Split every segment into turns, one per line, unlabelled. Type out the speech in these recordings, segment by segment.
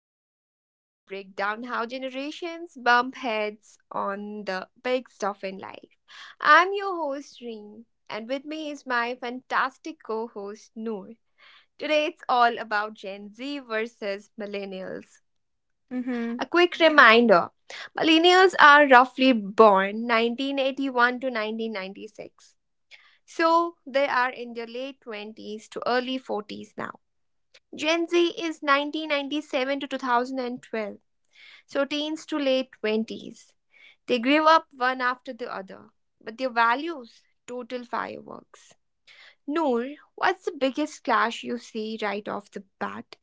podcast where we break down how generations bump heads on the big stuff in life. I'm your host, Reem, and with me is my fantastic co host, Noor. Today it's all about Gen Z versus millennials. A quick
Mm-hmm.
reminder: millennials are roughly born 1981 to 1996, so they are in their late 20s to early 40s now. Gen Z is 1997 to 2012, so teens to late 20s. They grew up one after the other, but their values, total fireworks. Noor, what's the biggest clash you see right off the bat?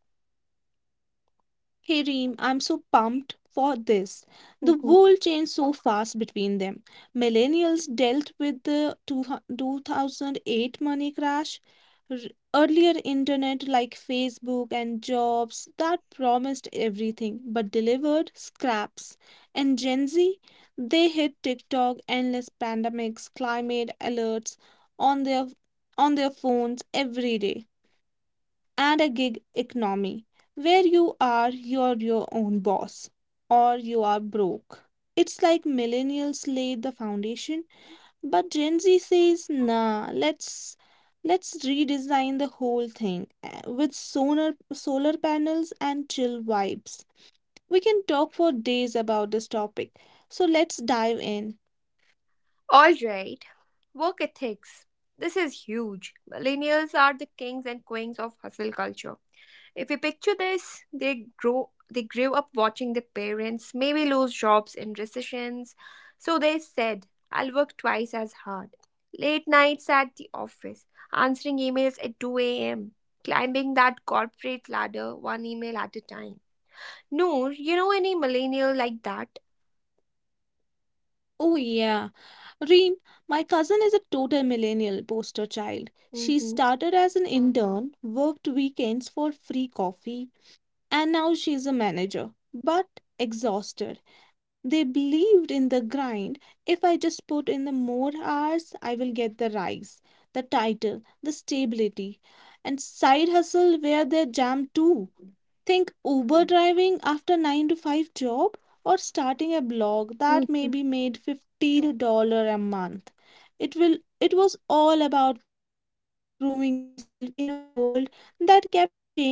Hey Reem, I'm so pumped for this. The
Mhm.
world changed so fast between them. Millennials dealt with the two 2008 money crash, r- earlier internet like Facebook, and jobs that promised everything but delivered scraps. And Gen Z, they hit TikTok, endless pandemics, climate alerts on their on their phones every day, and a gig economy where you are your own boss or you are broke. It's like millennials laid the foundation, but Gen Z says, nah, let's redesign the whole thing, with solar panels and chill vibes. We can talk for days about this topic, so let's dive in.
All right, work ethics. This is huge. Millennials are the kings and queens of hustle culture. If you picture this, they grew up watching their parents maybe lose jobs in recessions, so they said, I'll work twice as hard. Late nights at the office, answering emails at 2 a.m., climbing that corporate ladder one email at a time. Noor, you know any millennial like that?
Oh, yeah. Reem, my cousin is a total millennial poster child. She
Hmm.
started as an intern, worked weekends for free coffee, and now she is a manager, but exhausted. They believed in the grind. If I just put in the more hours, I will get the rise, the title, the stability, and side hustle where they jam too. Think Uber driving after 9 to 5 job, or starting a blog that maybe made $50 dollars a month. It will it was all about proving yourself in a world that kept changing the rules.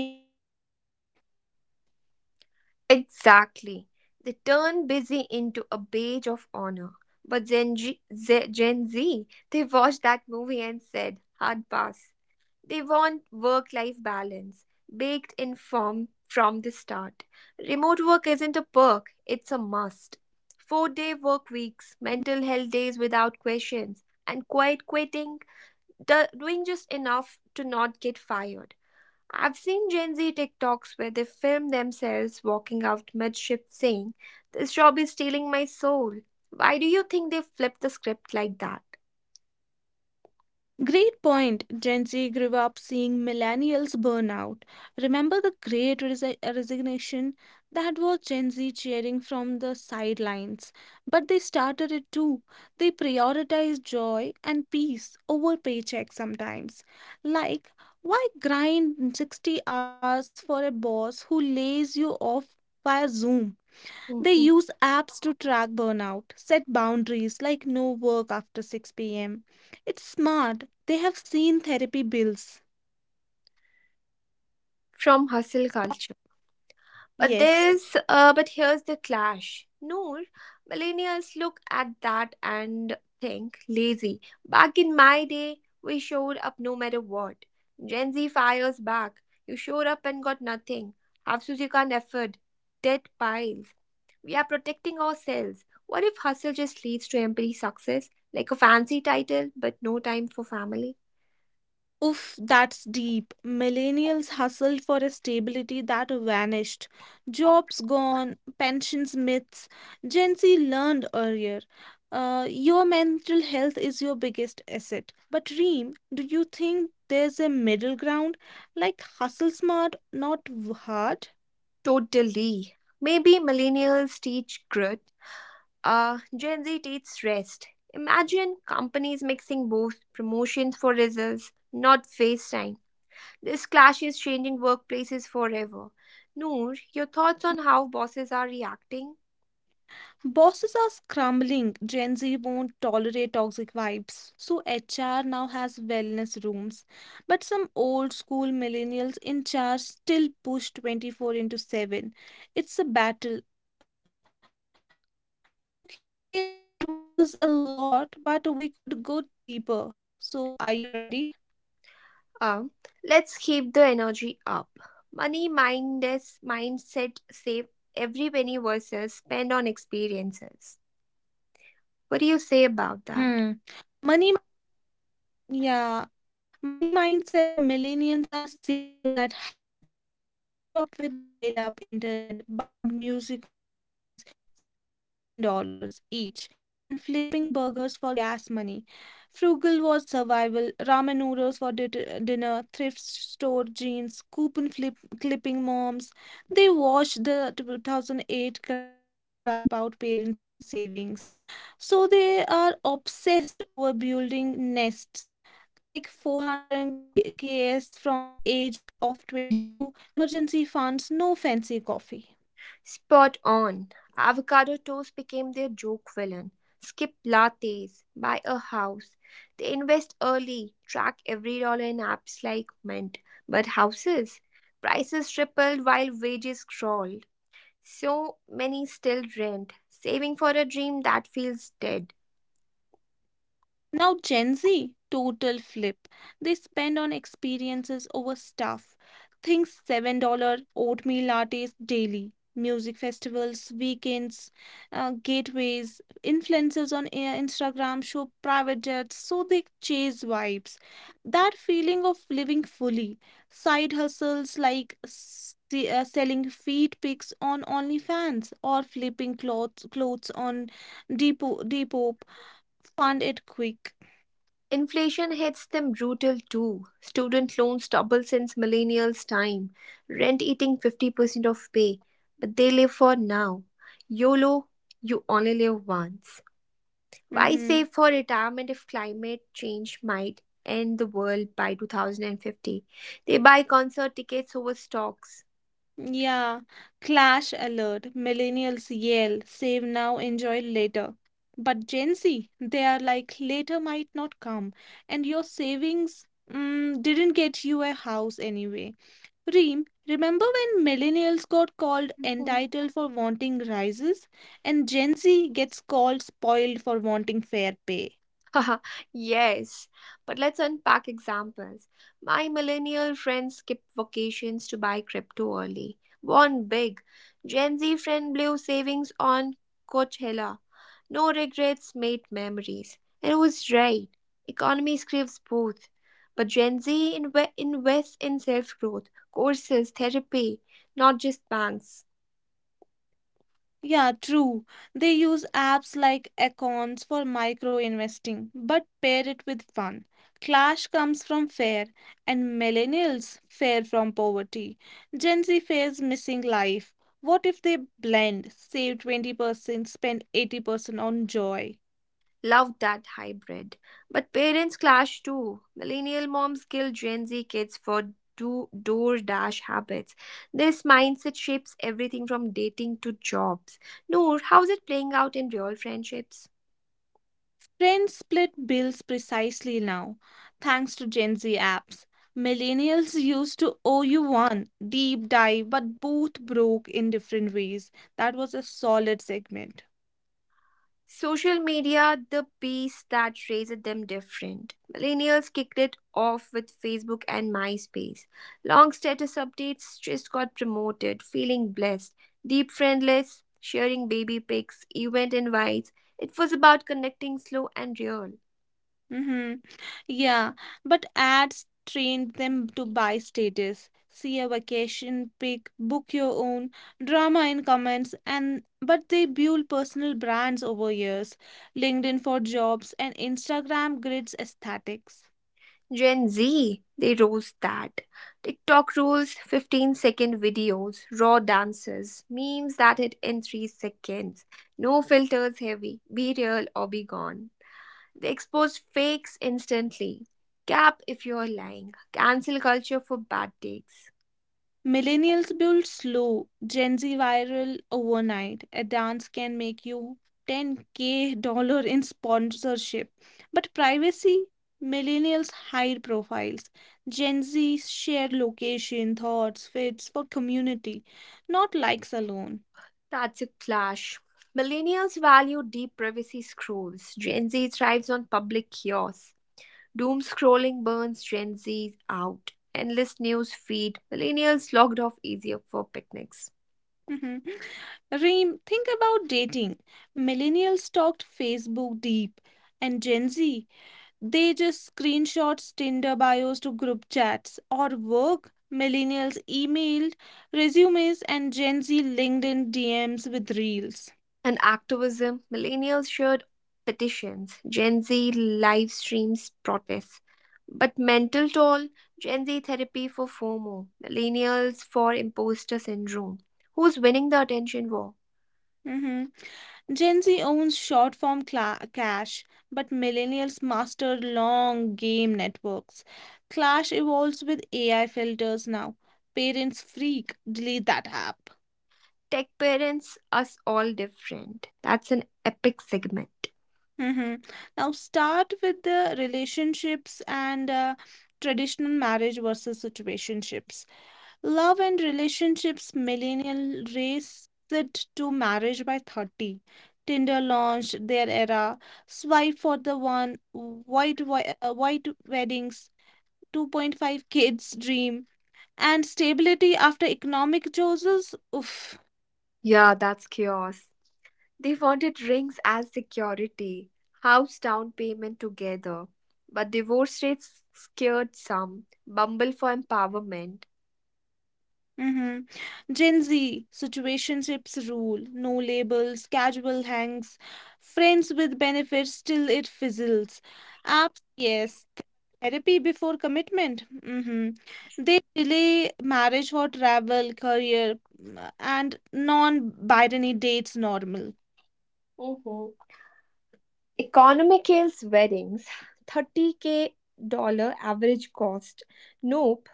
Exactly. They turn busy into a badge of honor. But Gen Z, they watched that movie and said, hard pass. They want work life balance, baked in form from the start. Remote work isn't a perk, it's a must. 4 day work weeks, mental health days without questions, and quiet quitting, doing just enough to not get fired. I've seen Gen Z TikToks where they film themselves walking out mid shift saying, This job is stealing my soul. Why do you think they flip the script like that?
Great point. Gen Z grew up seeing millennials burn out. Remember the great resignation? That was Gen Z cheering from the sidelines. But they started it too. They prioritized joy and peace over paycheck sometimes. Like, why grind 60 hours for a boss who lays you off via Zoom? They
Mhm.
use apps to track burnout, set boundaries like no work after 6 pm. It's smart. They have seen therapy bills.
From hustle culture. But
Yes.
there's, uh, but here's the clash. Noor, millennials look at that and think lazy. Back in my day, we showed up no matter what. Gen Z fires back. You showed up and got nothing. Hafsuzikhan effort. Debt piles. We are protecting ourselves. What if hustle just leads to empty success? Like a fancy title, but no time for family?
Oof, that's deep. Millennials hustled for a stability that vanished. Jobs gone, pensions myths. Gen Z learned earlier. Your mental health is your biggest asset. But Reem, do you think there's a middle ground? Like hustle smart, not hard?
Totally. Maybe millennials teach grit. Gen Z takes rest. Imagine companies mixing both promotions for results, not face time. This clash is changing workplaces forever. Noor, your thoughts on how bosses are reacting?
Bosses are scrambling. Gen Z won't tolerate toxic vibes. So HR now has wellness rooms. But some old school millennials in charge still push 24 into 7. It's a battle. Okay, that was a lot, but we could go deeper. So are you ready?
Uh, let's keep the energy up. Money mindless mindset save every penny versus spend on experiences. What do you say about that?
Hmm. Money, yeah. Money mindset, millennials are savers at heart. They grew up with dial up internet, buying music on CDs for $15 dollars each, and flipping burgers for gas money. Frugal was survival, ramen noodles for dinner, store jeans, coupon clipping moms. They watched the 2008 crash wipe out parents' savings. So they are obsessed over building nests like 400 KS from age of 22, emergency funds, no fancy coffee.
Spot on. Avocado toast became their joke villain. Skip lattes, buy a house. They invest early, track every dollar in apps like Mint. But houses? Prices tripled while wages crawled. So many still rent, saving for a dream that feels dead.
Now, Gen Z, total flip. They spend on experiences over stuff. Think $7 dollar oatmeal lattes daily, music festivals, weekends, gateways. Influencers on Instagram show private jets, so they chase vibes. That feeling of living fully. Side hustles like selling feet pics on OnlyFans, or flipping clothes on Depop. Fund it quick.
Inflation hits them brutal too. Student loans double since millennials' time, rent eating 50% of pay, but they live for now. YOLO, you only live once. Why
Mm-hmm.
save for retirement if climate change might end the world by 2050? They buy concert tickets over stocks.
Yeah. Clash alert. Millennials yell, save now, enjoy later. But Gen Z, they are like, later might not come, and your savings didn't get you a house anyway. Reem, remember when millennials got called entitled for wanting rises, and Gen Z gets called spoiled for wanting fair pay?
Haha, yes. But let's unpack examples. My millennial friend skipped vacations to buy crypto early. Won big. Gen Z friend blew savings on Coachella. No regrets, made memories. And it was right. Economy craves both. But Gen Z invests in self growth, courses, therapy, not just banks.
Yeah, true. They use apps like Acorns for micro investing, but pair it with fun. Clash comes from fair, and millennials fare from poverty. Gen Z fares missing life. What if they blend, save 20%, spend 80% on joy?
Love that hybrid. But parents clash too. Millennial moms kill Gen Z kids for do DoorDash habits. This mindset shapes everything from dating to jobs. Noor, how's it playing out in real friendships?
Trends split bills precisely now, thanks to Gen Z apps. Millennials used to owe you one deep dive, but both broke in different ways. That was a solid segment.
Social media, the beast that raised them different. Millennials kicked it off with Facebook and MySpace. Long status updates just got promoted, feeling blessed. Deep friend lists, sharing baby pics, event invites. It was about connecting slow and real.
Mm-hmm. Yeah, but ads trained them to buy status, see a vacation pic, book your own, drama in comments, and but they built personal brands over years. LinkedIn for jobs and Instagram grids aesthetics.
Gen Z, they rose that. TikTok rules, 15-second videos, raw dances, memes that hit in 3 seconds. No filters heavy, be real or be gone. They expose fakes instantly. Cap if you're lying. Cancel culture for bad takes.
Millennials build slow, Gen Z viral overnight. A dance can make you 10K dollar in sponsorship. But privacy, millennials hide profiles. Gen Z share location, thoughts, fits for community, not likes alone.
That's a clash. Millennials value deep privacy scrolls. Gen Z thrives on public chaos. Doom scrolling burns Gen Z out. Endless news feed. Millennials logged off easier for picnics.
Mhm. Reem, think about dating. Millennials stalked Facebook deep, and Gen Z, they just screenshots Tinder bios to group chats or work. Millennials emailed resumes and Gen Z LinkedIn DMs with reels.
And activism, millennials shared petitions, Gen Z live streams protests. But mental toll, Gen Z therapy for FOMO, millennials for imposter syndrome. Who's winning the attention war?
Mhm. Gen Z owns short form cash, but millennials master long game networks. Clash evolves with AI filters now. Parents freak, delete that app.
Tech parents, us all different. That's an epic segment.
Mhm. Now start with the relationships and traditional marriage versus situationships. Love and relationships, millennial race it to marriage by 30. Tinder launched their era. Swipe for the one, white, white weddings, 2.5 kids dream, and stability after economic choices. Oof.
Yeah, that's chaos. They wanted rings as security, house down payment together. But divorce rates scared some. Bumble for empowerment.
Mm-hmm. Gen Z, situationships rule, no labels, casual hangs, friends with benefits till it fizzles. Apps, yes. Therapy before commitment. Mm-hmm. They delay marriage for travel, career, and non-binary dates normal.
Mhm. Economy kills weddings. 30K dollar average cost. Nope.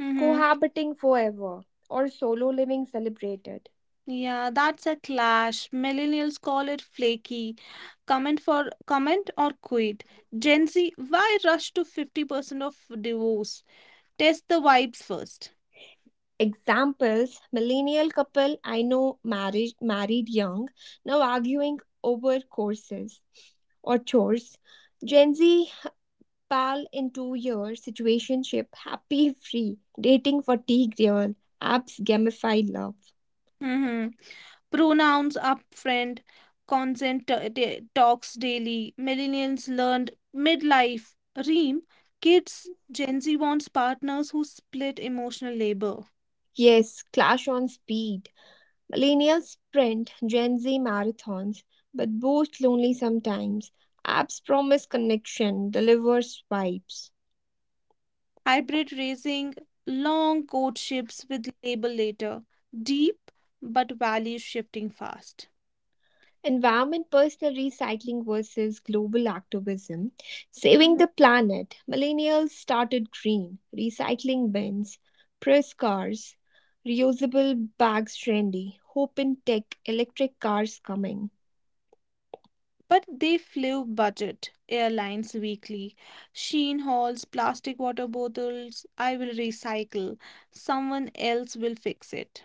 Mm-hmm.
Cohabiting forever or solo living celebrated.
Yeah, that's a clash. Millennials call it flaky. Comment for comment or quit. Gen Z, why rush to 50% of divorce? Test the vibes first.
Examples millennial couple I know married young now arguing over courses or chores. Gen Z pal in 2 years situationship happy free dating fatigue real apps gamify love.
Mhm. Pronouns upfront, consent talks daily, millennials learned midlife, ream, kids, Gen Z wants partners who split emotional labor,
Yes, clash on speed. Millennials sprint Gen Z marathons, but both lonely sometimes. Apps promise connection, deliver swipes.
hybrid raising, long courtships with labor later, deep but values shifting fast.
Environment personal recycling versus global activism. Saving the planet. Millennials started green, recycling bins, press cars, reusable bags trendy. Hope in tech, electric cars coming.
But they flew budget airlines weekly. Sheen hauls plastic water bottles. I will recycle. Someone else will fix it.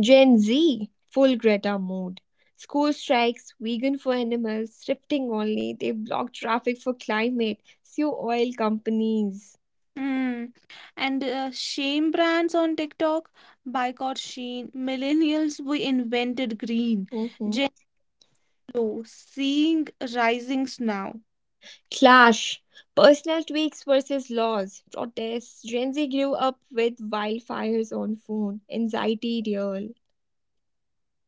Gen Z, full Greta mode. School strikes, vegan for animals, thrifting only, they block traffic for climate, sue oil companies.
Hmm. And shame brands on TikTok. Boycott Sheen. Millennials, we invented green.
Mhm.
Gen Lo, seeing risings now.
Clash, personal tweaks versus laws, protests. Gen Z grew up with wildfires on phone, anxiety real.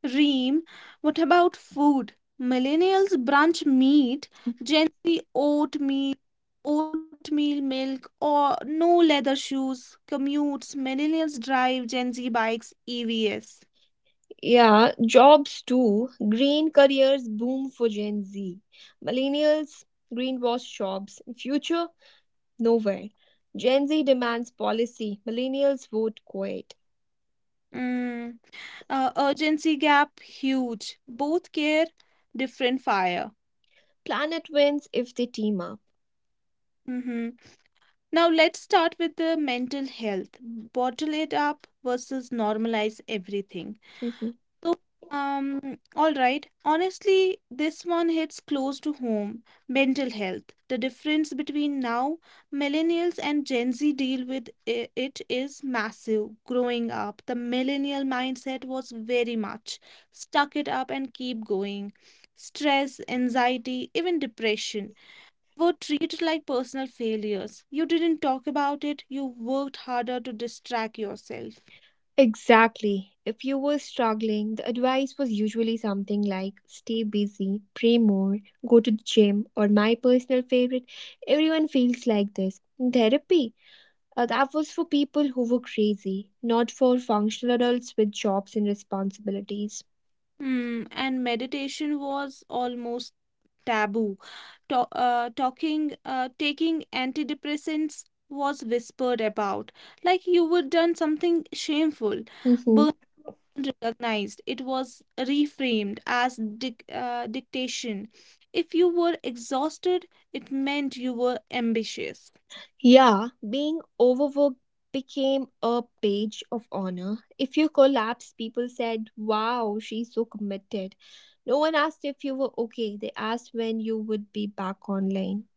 Reem, what about food? Millennials brunch meat, Gen Z oatmeal milk, or no leather shoes, commutes. Millennials drive, Gen Z bikes, EVs.
Yeah, jobs too. Green careers boom for Gen Z. Millennials, greenwash jobs. In future, nowhere. Gen Z demands policy, millennials vote quiet.
Mm. Urgency gap huge. Both care different fire.
Planet wins if they team up.
hmm Now let's start with the mental health. Bottle it up versus normalize everything.
Mhm.
So, all right. Honestly, this one hits close to home. Mental health. The difference between now, millennials and Gen Z deal with it is massive. Growing up, the millennial mindset was very much stuck it up and keep going. Stress, anxiety, even depression were treated like personal failures. You didn't talk about it, you worked harder to distract yourself.
Exactly. If you were struggling, the advice was usually something like stay busy, pray more, go to the gym, or my personal favorite, everyone feels like this. Therapy. That was for people who were crazy, not for functional adults with jobs and responsibilities.
Hmm, and meditation was almost taboo. To taking antidepressants was whispered about, like you were done something shameful.
Mhm.
Burn recognized. It was reframed as dictation. If you were exhausted, it meant you were ambitious.
Yeah, being overworked became a page of honor. If you collapsed, people said, Wow, she's so committed. No one asked if you were okay, they asked when you would be back online.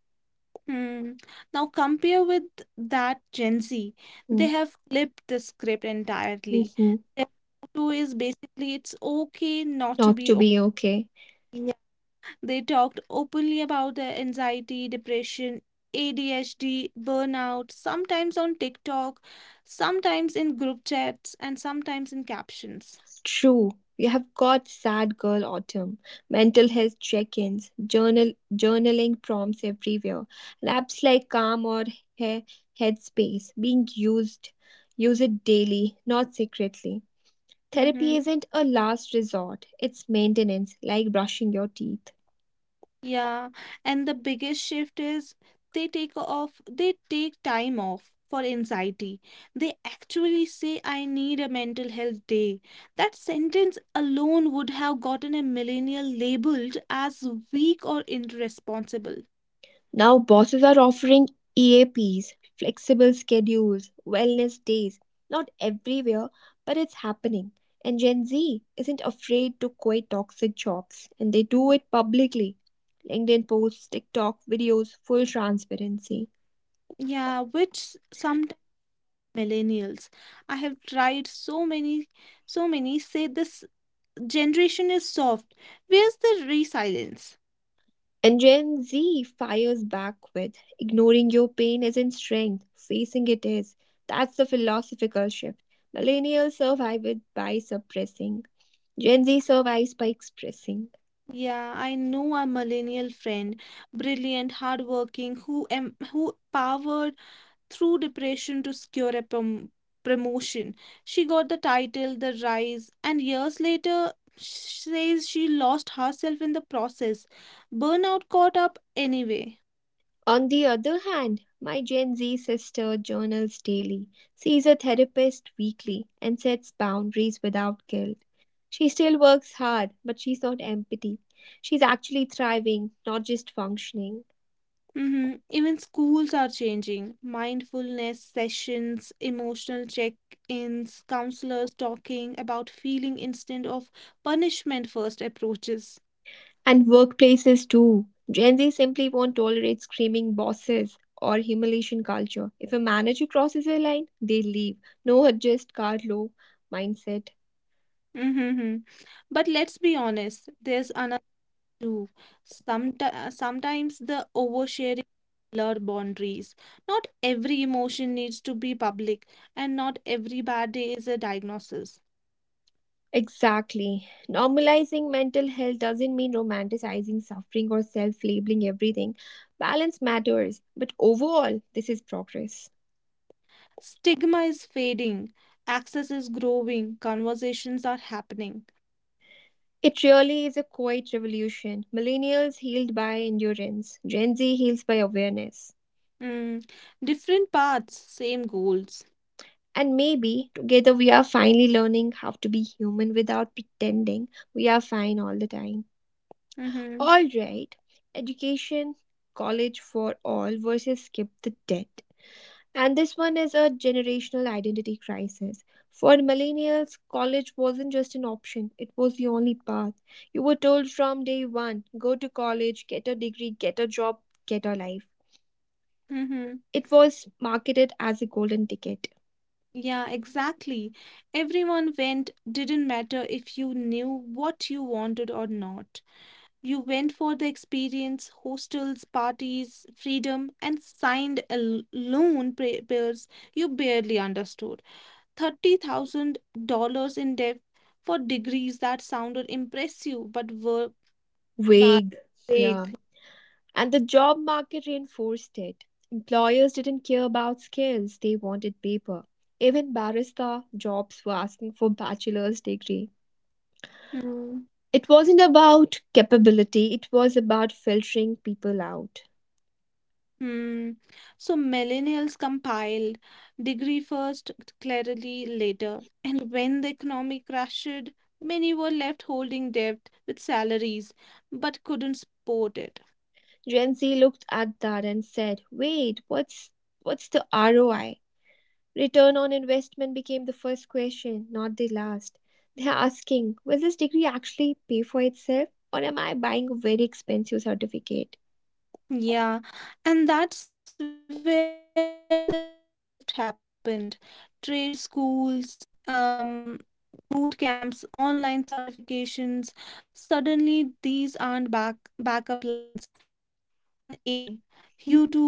Hmm. Now compare with that Gen Z. They
Mm.
have flipped the script entirely.
Mm-hmm.
Their motto is basically it's okay not to
Not
be
to
okay.
be okay.
Yeah. They talked openly about their anxiety, depression, ADHD, burnout, sometimes on TikTok, sometimes in group chats, and sometimes in captions.
True. We have got sad girl autumn, mental health check-ins, journaling prompts everywhere, and apps like Calm or he- Headspace being used, use it daily, not secretly. Therapy
Mm-hmm.
isn't a last resort, it's maintenance, like brushing your teeth.
Yeah, and the biggest shift is they take time off for anxiety. They actually say, I need a mental health day. That sentence alone would have gotten a millennial labeled as weak or irresponsible.
Now, bosses are offering EAPs, flexible schedules, wellness days. Not everywhere, but it's happening. And Gen Z isn't afraid to quit toxic jobs, and they do it publicly. LinkedIn posts, TikTok videos, full transparency.
Yeah, which sometimes millennials. I have tried so many say this generation is soft. Where's the resilience?
And Gen Z fires back with ignoring your pain isn't strength, facing it is. That's the philosophical shift. Millennials survive it by suppressing. Gen Z survives by expressing.
Yeah, I know a millennial friend, brilliant, hardworking, who who powered through depression to secure a promotion. She got the title, The Rise, and years later says she lost herself in the process. Burnout caught up anyway.
On the other hand, my Gen Z sister journals daily, sees a therapist weekly, and sets boundaries without guilt. She still works hard, but she's not empty. She's actually thriving, not just functioning.
hmm Even schools are changing. Mindfulness sessions, emotional check-ins, counselors talking about feeling instead of punishment first approaches.
And workplaces too. Gen Z simply won't tolerate screaming bosses or humiliation culture. If a manager crosses a line, they leave. No adjust, car low mindset.
Mm-hmm. But let's be honest, there's another too. Sometimes the oversharing blur boundaries. Not every emotion needs to be public, and not every bad day is a diagnosis.
Exactly. Normalizing mental health doesn't mean romanticizing suffering or self labeling everything. Balance matters, but overall, this is progress.
Stigma is fading, access is growing, conversations are happening.
It really is a quiet revolution. Millennials healed by endurance, Gen Z heals by awareness.
Mm. Different paths, same goals.
And maybe together we are finally learning how to be human without pretending we are fine all the time.
Mm-hmm.
All right, education, college for all versus skip the debt. And this one is a generational identity crisis. For millennials, college wasn't just an option, it was the only path. You were told from day one go to college, get a degree, get a job, get a life.
Mm-hmm.
It was marketed as a golden ticket.
Yeah, exactly. Everyone went didn't matter if you knew what you wanted or not. You went for the experience, hostels, parties, freedom, and signed a loan pairs you barely understood. $30,000 in debt for degrees that sounded impressive but were va-
Vague, yeah.
vague.
And the job market reinforced it. Employers didn't care about skills, they wanted paper. Even barista jobs were asking for bachelor's degree.
Mm.
It wasn't about capability, it was about filtering people out.
Hmm. So millennials compiled degree first, clarity later. And when the economy crashed, many were left holding debt with salaries but couldn't support it.
Gen Z looked at that and said, "Wait, what's the ROI?" Return on investment became the first question, not the last. They're asking, "Will this degree actually pay for itself or am I buying a very expensive certificate?"
Yeah, and that's where the shift happened. Trade schools, boot camps, online certifications. Suddenly, these aren't backup plans. They are plan A. YouTube, Google's,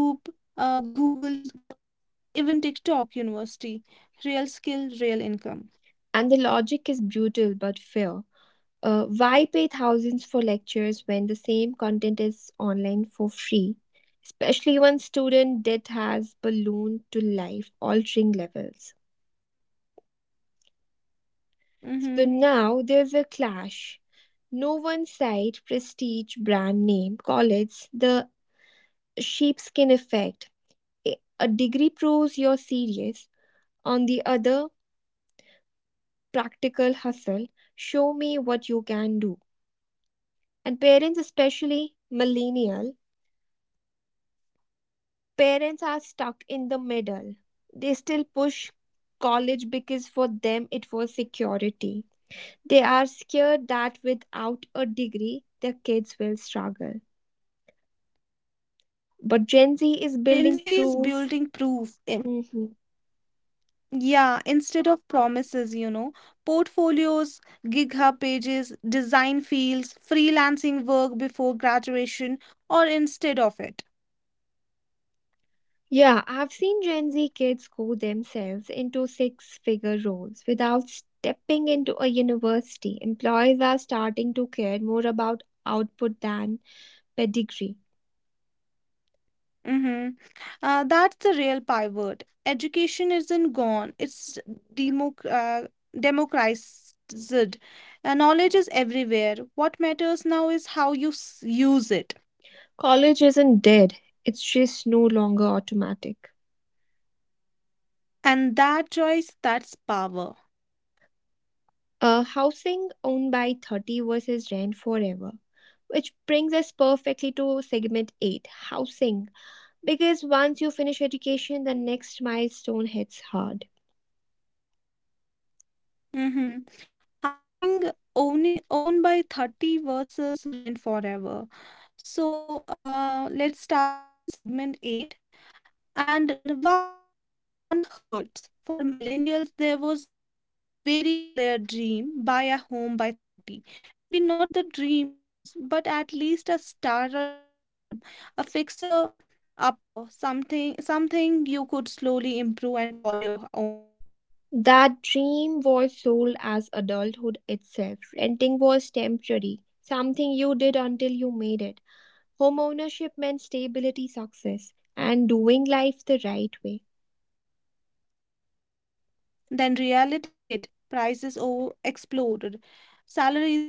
even TikTok University. Real skill, real income.
And the logic is brutal but fair. Why pay thousands for lectures when the same content is online for free? Especially when student debt has ballooned to life altering levels. So now there's a clash. No one side, prestige, brand name, call it the sheepskin effect. A degree proves you're serious. On the other, practical hustle. Show me what you can do. And parents, especially millennial, parents are stuck in the middle. They still push college because for them it was security. They are scared that without a degree, their kids will struggle. But Gen Z is
But Gen
building
Z is
proof.
building proof.
Mhm.
Yeah, instead of promises, you know, portfolios, gig hub pages, design fields, freelancing work before graduation, or instead of it.
Yeah, I've seen Gen Z kids go themselves into six figure roles without stepping into a university. Employers are starting to care more about output than pedigree.
Mm-hmm. That's the real pivot. Education isn't gone, it's democ uh, democratized. Knowledge is everywhere. What matters now is how you use it.
College isn't dead, it's just no longer automatic.
And that choice, that's power.
Housing owned by 30 versus rent forever. Which brings us perfectly to segment 8 housing. Because once you finish education, the next milestone hits hard.
Mm-hmm. Housing owning owned by 30 versus rent forever. So let's start with the segment eight. And wow, that one hurts. For millennials, there was a very clear dream buy a home by 30. Maybe not the dream house, but at least a starter home, a fixer upper, something you could slowly improve and call your own.
That dream was sold as adulthood itself. Renting was temporary, something you did until you made it. Homeownership meant stability, success, and doing life the right way.
Then reality hit, prices over exploded, salaries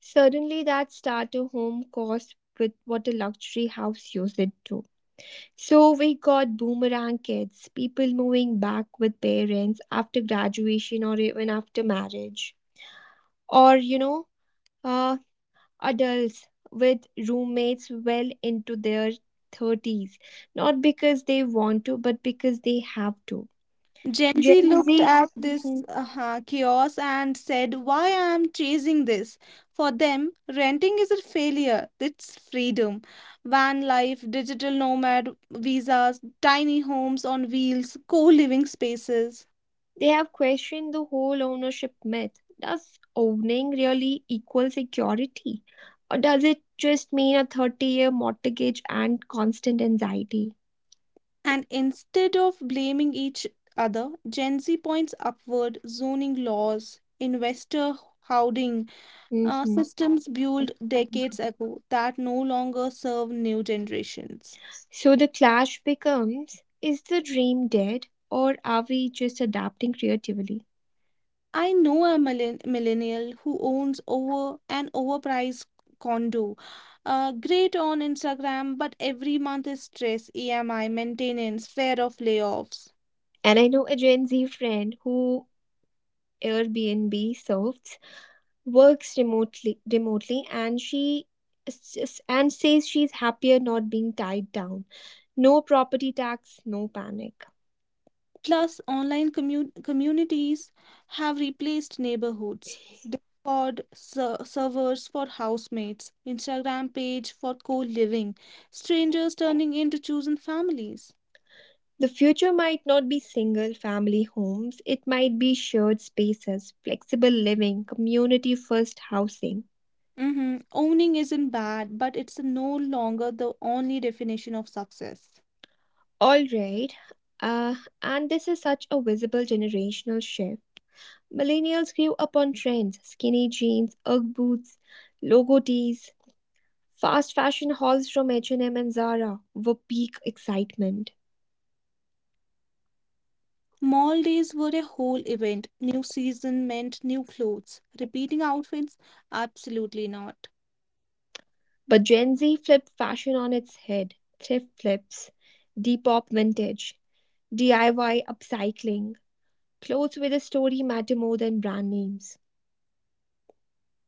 Suddenly, that starter home cost with what a luxury house used it to. So we got boomerang kids, people moving back with parents after graduation or even after marriage, or uh, adults with roommates well into their 30s, not because they want to, but because they have to.
Gen Z
Gen
looked
Z.
at this chaos and said, why I am chasing this? For them, renting is a failure, it's freedom. Van life, digital nomad visas, tiny homes on wheels, co living spaces.
They have questioned the whole ownership myth. Does owning really equal security? Or does it just mean a 30-year year mortgage and constant anxiety?
And instead of blaming each other, Gen Z points upward, zoning laws, investor hoarding,
Mhm.
systems built decades ago that no longer serve new generations.
So the clash becomes, is the dream dead or are we just adapting creatively?
I know a millennial who owns over an overpriced condo. Great on Instagram, but every month is stress, EMI, maintenance, fear of layoffs.
And I know a Gen Z friend who Airbnb serves works remotely and she s- s- and says she's happier not being tied down. No property tax, no panic.
Plus, online communities have replaced neighborhoods. Discord servers for housemates, Instagram page for co living, strangers turning into chosen families.
The future might not be single family homes, it might be shared spaces, flexible living, community first housing.
Mhm. Owning isn't bad, but it's no longer the only definition of success.
All right, uh, and this is such a visible generational shift. Millennials grew up on trends, skinny jeans, Ugg boots, logo tees. Fast fashion hauls from H&M and Zara were peak excitement.
Mall days were a whole event. New season meant new clothes. Repeating outfits? Absolutely not.
But Gen Z flipped fashion on its head. Thrift flips, Depop vintage, DIY upcycling. Clothes with a story matter more than brand names.
Mhm.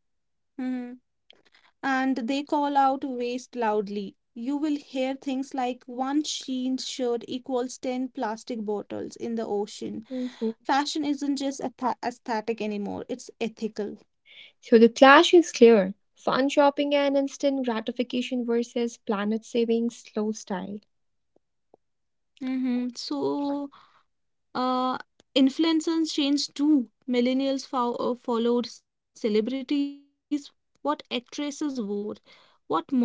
And they call out waste loudly. You will hear things like one jeans shirt equals 10 plastic bottles in the ocean.
Mhm.
Fashion isn't just aesthetic anymore, it's ethical.
So the clash is clear. Fun shopping and instant gratification versus planet saving slow style.
Mm-hmm. So, uh, influencers changed too. Millennials followed celebrities, what actresses wore, what models endure.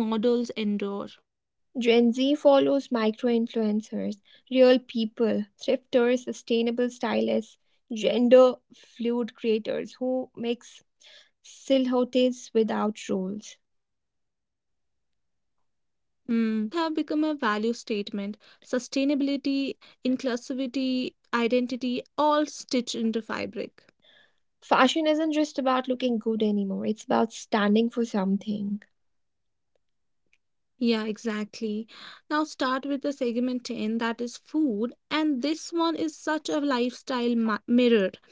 Gen Z follows micro influencers, real people, thrifters, sustainable stylists, gender fluid creators who mix silhouettes without rules.
Hmm. Clothes have become a value statement. Sustainability, inclusivity, identity, all stitched into fabric.
Fashion isn't just about looking good anymore, it's about standing for something.
Yeah, exactly. Now start with the segment 10 that is food. And this one is such a lifestyle mirror.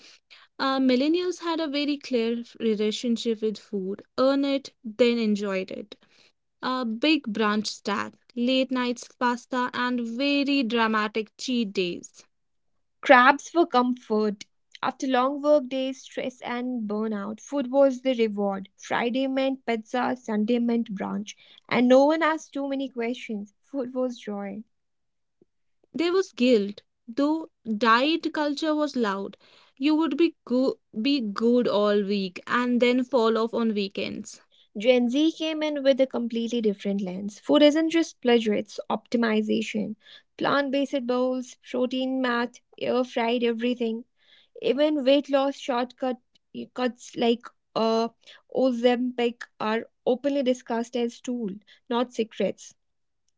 Millennials had a very clear relationship with earn it, then enjoyed it. A big brunch stack, late nights pasta, and very dramatic cheat days.
Crabs for comfort. After long work days, stress, and burnout, food was the reward. Friday meant pizza, Sunday meant brunch. And no one asked too many questions. Food was joy.
There was guilt, though diet culture was loud. You would be good all week and then fall off on weekends.
Gen Z came in with a completely different lens. Food isn't just pleasure, it's optimization. Plant based bowls, protein math, air fried everything. Even weight loss shortcut cuts like uh, Ozempic are openly discussed as tool, not secrets.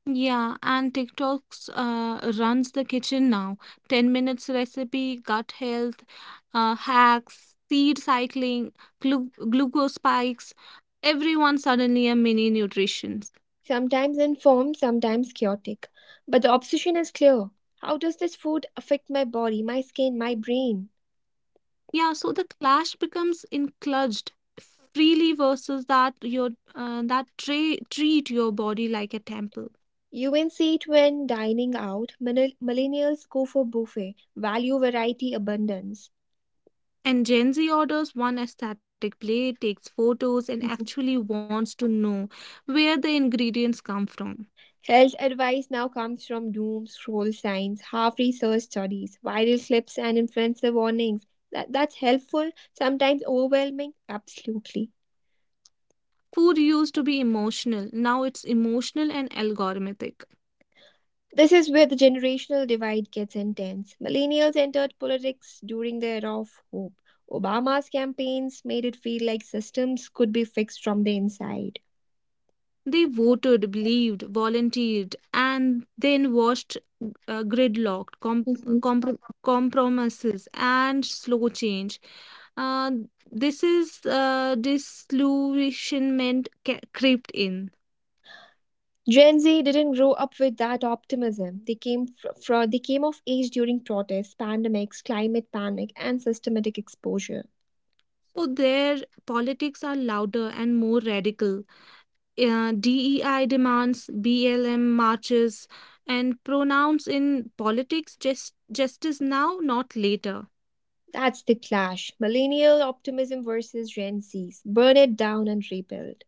Yeah, and TikToks runs the kitchen now. 10 minutes recipe, gut health, hacks, seed cycling, glucose spikes. Everyone suddenly a mini nutrition.
Sometimes informed, sometimes chaotic. But the obsession is clear. How does this food affect my body, my skin, my brain?
Yeah, so the clash becomes encludged freely versus that your that treat your body like a temple.
You can see it when dining out. Millennials go for buffet, value, variety, abundance.
And Gen Z orders one aesthetic plate, takes photos, and actually wants to know where the ingredients come from.
Health advice now comes from doom scroll signs, half researched studies, viral clips, and influencer warnings. That's helpful, sometimes overwhelming, absolutely.
Food used to be emotional, now it's emotional and algorithmic.
This is where the generational divide gets intense. Millennials entered politics during the era of hope. Obama's campaigns made it feel like systems could be fixed from the inside.
They voted, believed, volunteered, and then watched gridlocked, compromises, and slow change. Uh, this is disillusionment crept in.
Gen Z didn't grow up with that optimism. They came of age during protests, pandemics, climate panic, and systematic exposure.
So their politics are louder and more radical. DEI demands, BLM marches, and pronouns in politics just justice now, not later.
That's the clash: millennial optimism versus Gen Z's. Burn it down and rebuild.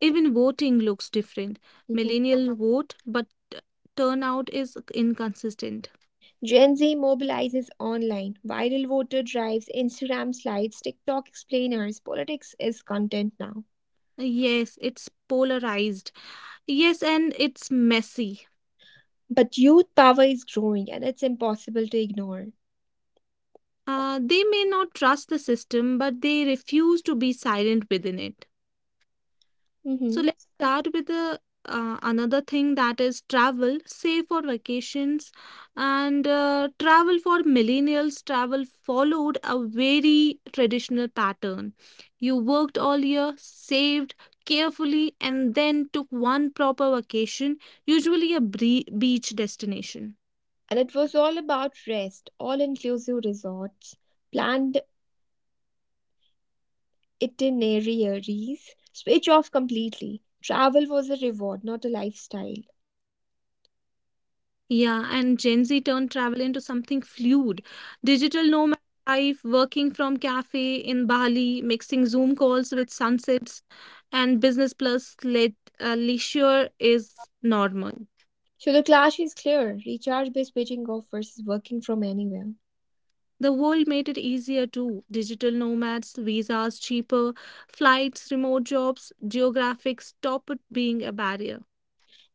Even voting looks different. Millennial vote, but turnout is inconsistent.
Gen Z mobilizes online, viral voter drives, Instagram slides, TikTok explainers. Politics is content now.
Yes, it's polarized. Yes, and it's messy.
But youth power is growing and it's impossible to ignore.
They may not trust the system, but they refuse to be silent within it. So
Mhm.
let's start with the another thing that is travel, save for vacations, and travel for millennials. Travel followed a very traditional pattern. You worked all year, saved carefully, and then took one proper vacation, usually a beach destination.
And it was all about rest, all inclusive resorts, planned itineraries, switch off completely. Travel was a reward, not a lifestyle.
Yeah, and Gen Z turned travel into something fluid. Digital nomad life, working from cafe in Bali, mixing Zoom calls with sunsets, and business plus le leisure is normal.
So the clash is clear, recharge based paging off versus working from anywhere.
The world made it easier too. Digital nomads, visas cheaper, flights, remote jobs, geographics stopped being a barrier.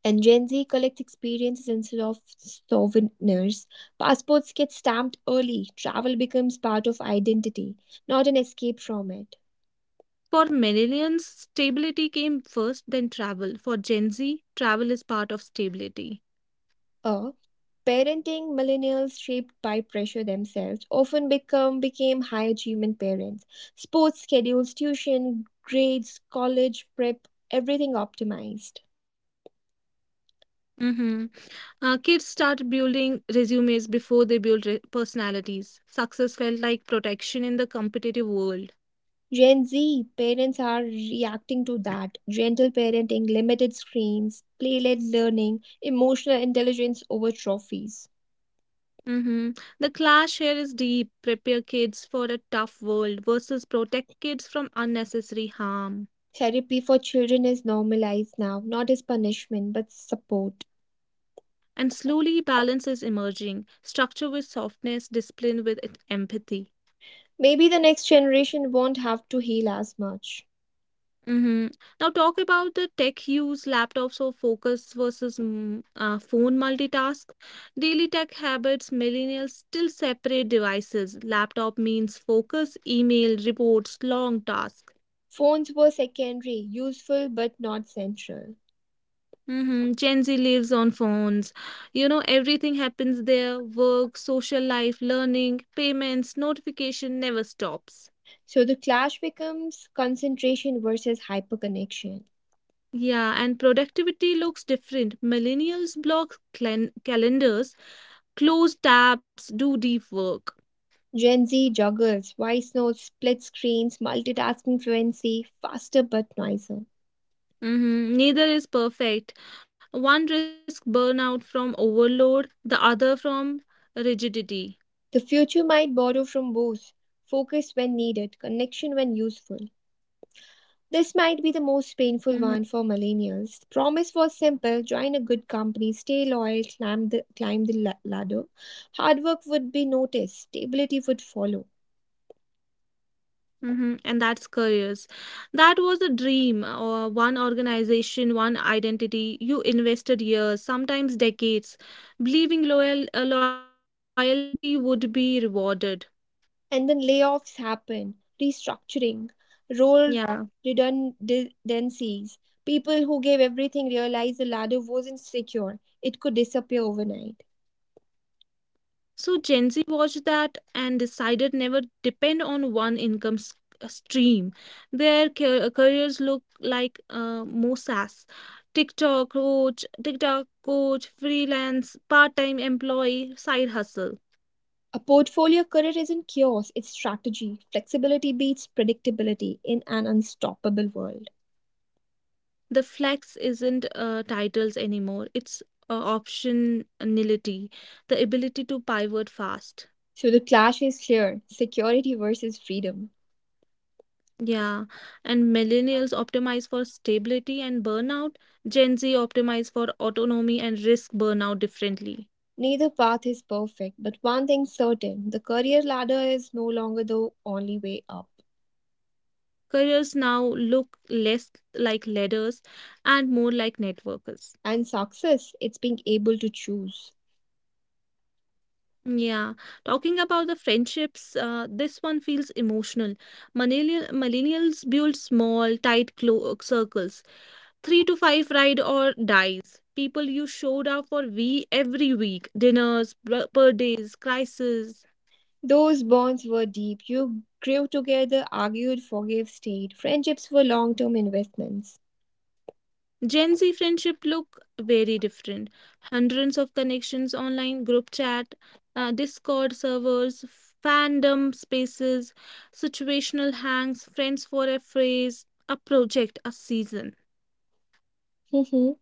And Gen Z collects experiences instead of souvenirs. Passports get stamped early. Travel becomes part of identity, not an escape from it.
For millennials, stability came first, then travel. For Gen Z, travel is part of stability.
A parenting, millennials shaped by pressure themselves often become became high achievement parents. Sports schedules, tuition, grades, college prep, everything optimized.
Mm-hmm. Kids start building resumes before they build personalities. Success felt like protection in the competitive world.
Gen Z parents are reacting to that. Gentle parenting, limited screens, play led learning, emotional intelligence over trophies.
Hmm. The clash here is deep. Prepare kids for a tough world versus protect kids from unnecessary harm.
Therapy for children is normalized now, not as punishment but support.
And slowly, balance is emerging structure with softness, discipline with empathy.
Maybe the next generation won't have to heal as much.
Mm-hmm. Now talk about the tech use, laptops or focus versus phone multitask. Daily tech habits, millennials still separate devices. Laptop means focus, email, reports, long tasks.
Phones were secondary, useful but not central.
Mm-hmm. Gen Z lives on phones. You know, everything happens there. Work, social life, learning, payments, notification never stops.
So the clash becomes concentration versus hyperconnection.
Yeah, and productivity looks different. Millennials block calendars, close tabs, do deep work.
Gen Z juggles voice notes, split screens, multitasking fluency, faster but noisier.
Mhm. Neither is perfect. One risks burnout from overload, the other from rigidity.
The future might borrow from both, focus when needed, connection when useful. This might be the
Mhm,
most painful one for millennials. Promise was simple, join a good company, stay loyal, climb the ladder. Hard work would be noticed, stability would follow.
mhm. And that's careers. That was a dream, or one organization, one identity. You invested years, sometimes decades, believing loyalty would be rewarded.
And then layoffs happen, restructuring,
Yeah.
role redundancies. People who gave everything realize the ladder wasn't secure, it could disappear overnight.
So Gen Z watched that and decided never depend on one income stream. Their careers look like Moses, TikTok coach, freelance, part-time employee, side hustle.
A portfolio career isn't chaos, it's strategy. Flexibility beats predictability in an unstoppable world.
The flex isn't titles anymore. It's optionality, the ability to pivot fast.
So the clash is clear, security versus freedom.
Yeah, and millennials optimize for stability and burnout. Gen Z optimize for autonomy and risk burnout differently.
Neither path is perfect, but one thing's certain, the career ladder is no longer the only way up.
Careers now look less like ladders and more like networks.
And success, it's being able to choose.
Yeah, talking about the friendships, this one feels emotional. Millennials build small, tight clo circles. Three to five ride or dies. People you showed up for we every week, birthdays, crises.
Those bonds were deep. You grew together, argued, forgave, stayed. Friendships were long term investments.
Gen Z friendship look very different. Hundreds of connections online, group chat, Discord servers, fandom spaces, situational hangs, friends for a phrase, a project, a season.
Mhm.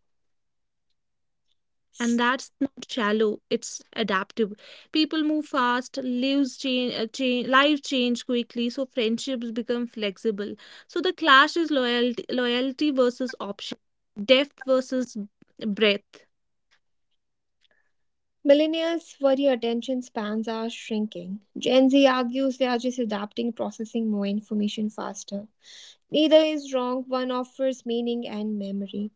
And
S-
that's not shallow, it's adaptive. People move fast, lives change, life change quickly, so friendships become flexible. So the clash is loyalty versus option, depth versus breadth.
Millennials worry attention spans are shrinking. Gen Z argues they are just adapting, processing more information faster. Neither is wrong. One offers meaning and memory,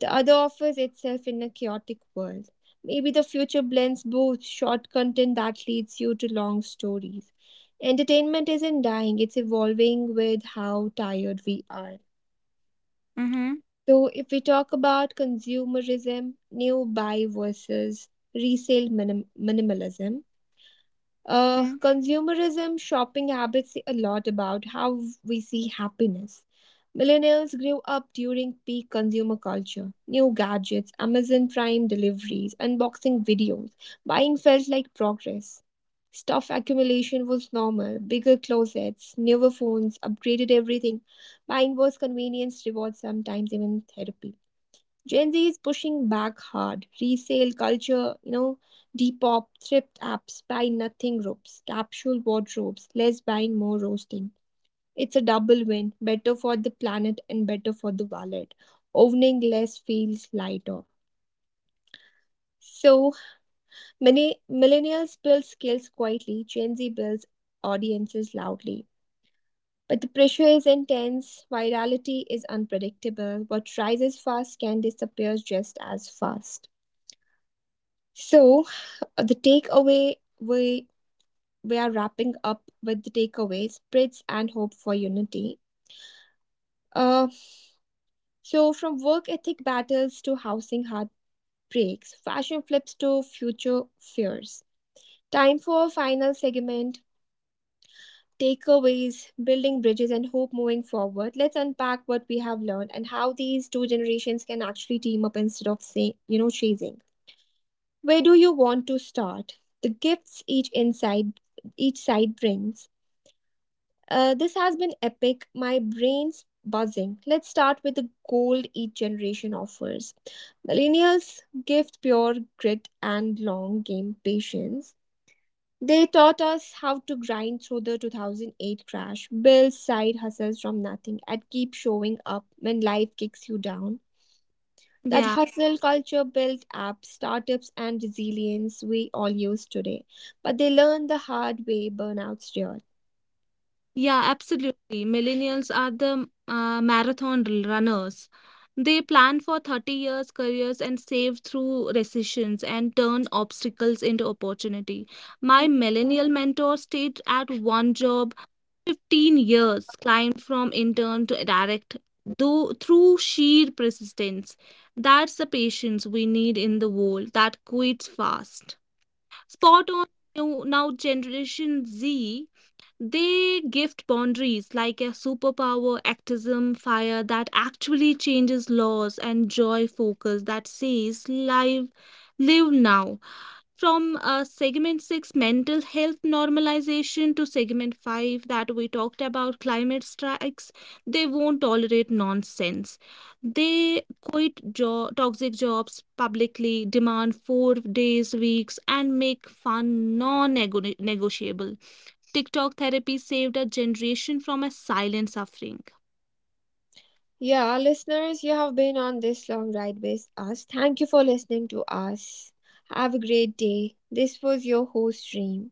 the other offers itself in a chaotic world. Maybe the future blends both, short content that leads you to long stories. Entertainment isn't dying, it's evolving with how tired we are.
Mm-hmm.
So, if we talk about consumerism, new buy versus resale minimalism, consumerism shopping habits say a lot about how we see happiness. Millennials grew up during peak consumer culture. New gadgets, Amazon Prime deliveries, unboxing videos. Buying felt like progress. Stuff accumulation was normal. Bigger closets, newer phones, upgraded everything. Buying was convenience, reward, sometimes even therapy. Gen Z is pushing back hard. Resale culture, Depop, thrift apps, buy nothing ropes, capsule wardrobes, less buying, more roasting. It's a double win, better for the planet and better for the wallet. Owning less feels lighter. So, many millennials build skills quietly, Gen Z builds audiences loudly. But the pressure is intense, virality is unpredictable. What rises fast can disappear just as fast. So, the takeaway, we we are wrapping up with the takeaway, spreads and hope for unity. uh, so from work ethic battles to housing heartbreaks, fashion flips to future fears, time for a final segment takeaways, building bridges and hope moving forward. Let's unpack what we have learned and how these two generations can actually team up instead of, say, chasing. Where do you want to start, the gifts each side brings? This has been epic. My brain's buzzing. Let's start with the gold each generation offers. Millennials gift pure grit and long game patience. They taught us how to grind through the 2008 crash, build side hustles from nothing, and keep showing up when life kicks you down. That
Yeah,
hustle culture built apps, startups and resilience we all use today, but they learn the hard way, burnout's real.
yeah, absolutely. Millennials are the marathon runners. They plan for 30 years careers and save through recessions and turn obstacles into opportunity. My millennial mentor stayed at one job 15 years, climbed from intern to direct, though through sheer persistence. That's the patience we need in the world that quits fast. Spot on. Now Generation Z. They gift boundaries like a superpower, activism, fire that actually changes laws, and joy focus that says live now from segment 6 mental health normalization to segment 5 that we talked about climate strikes. They won't tolerate nonsense. They quit toxic jobs publicly, demand 4 days weeks and make fun non-negotiable. TikTok therapy saved a generation from a silent suffering.
Yeah, listeners, you have been on this long ride with us. Thank you for listening to us. Have a great day. This was your host, Dream.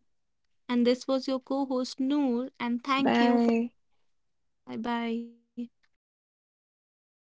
And this was your co-host Noor, and thank you for
Bye.
bye bye.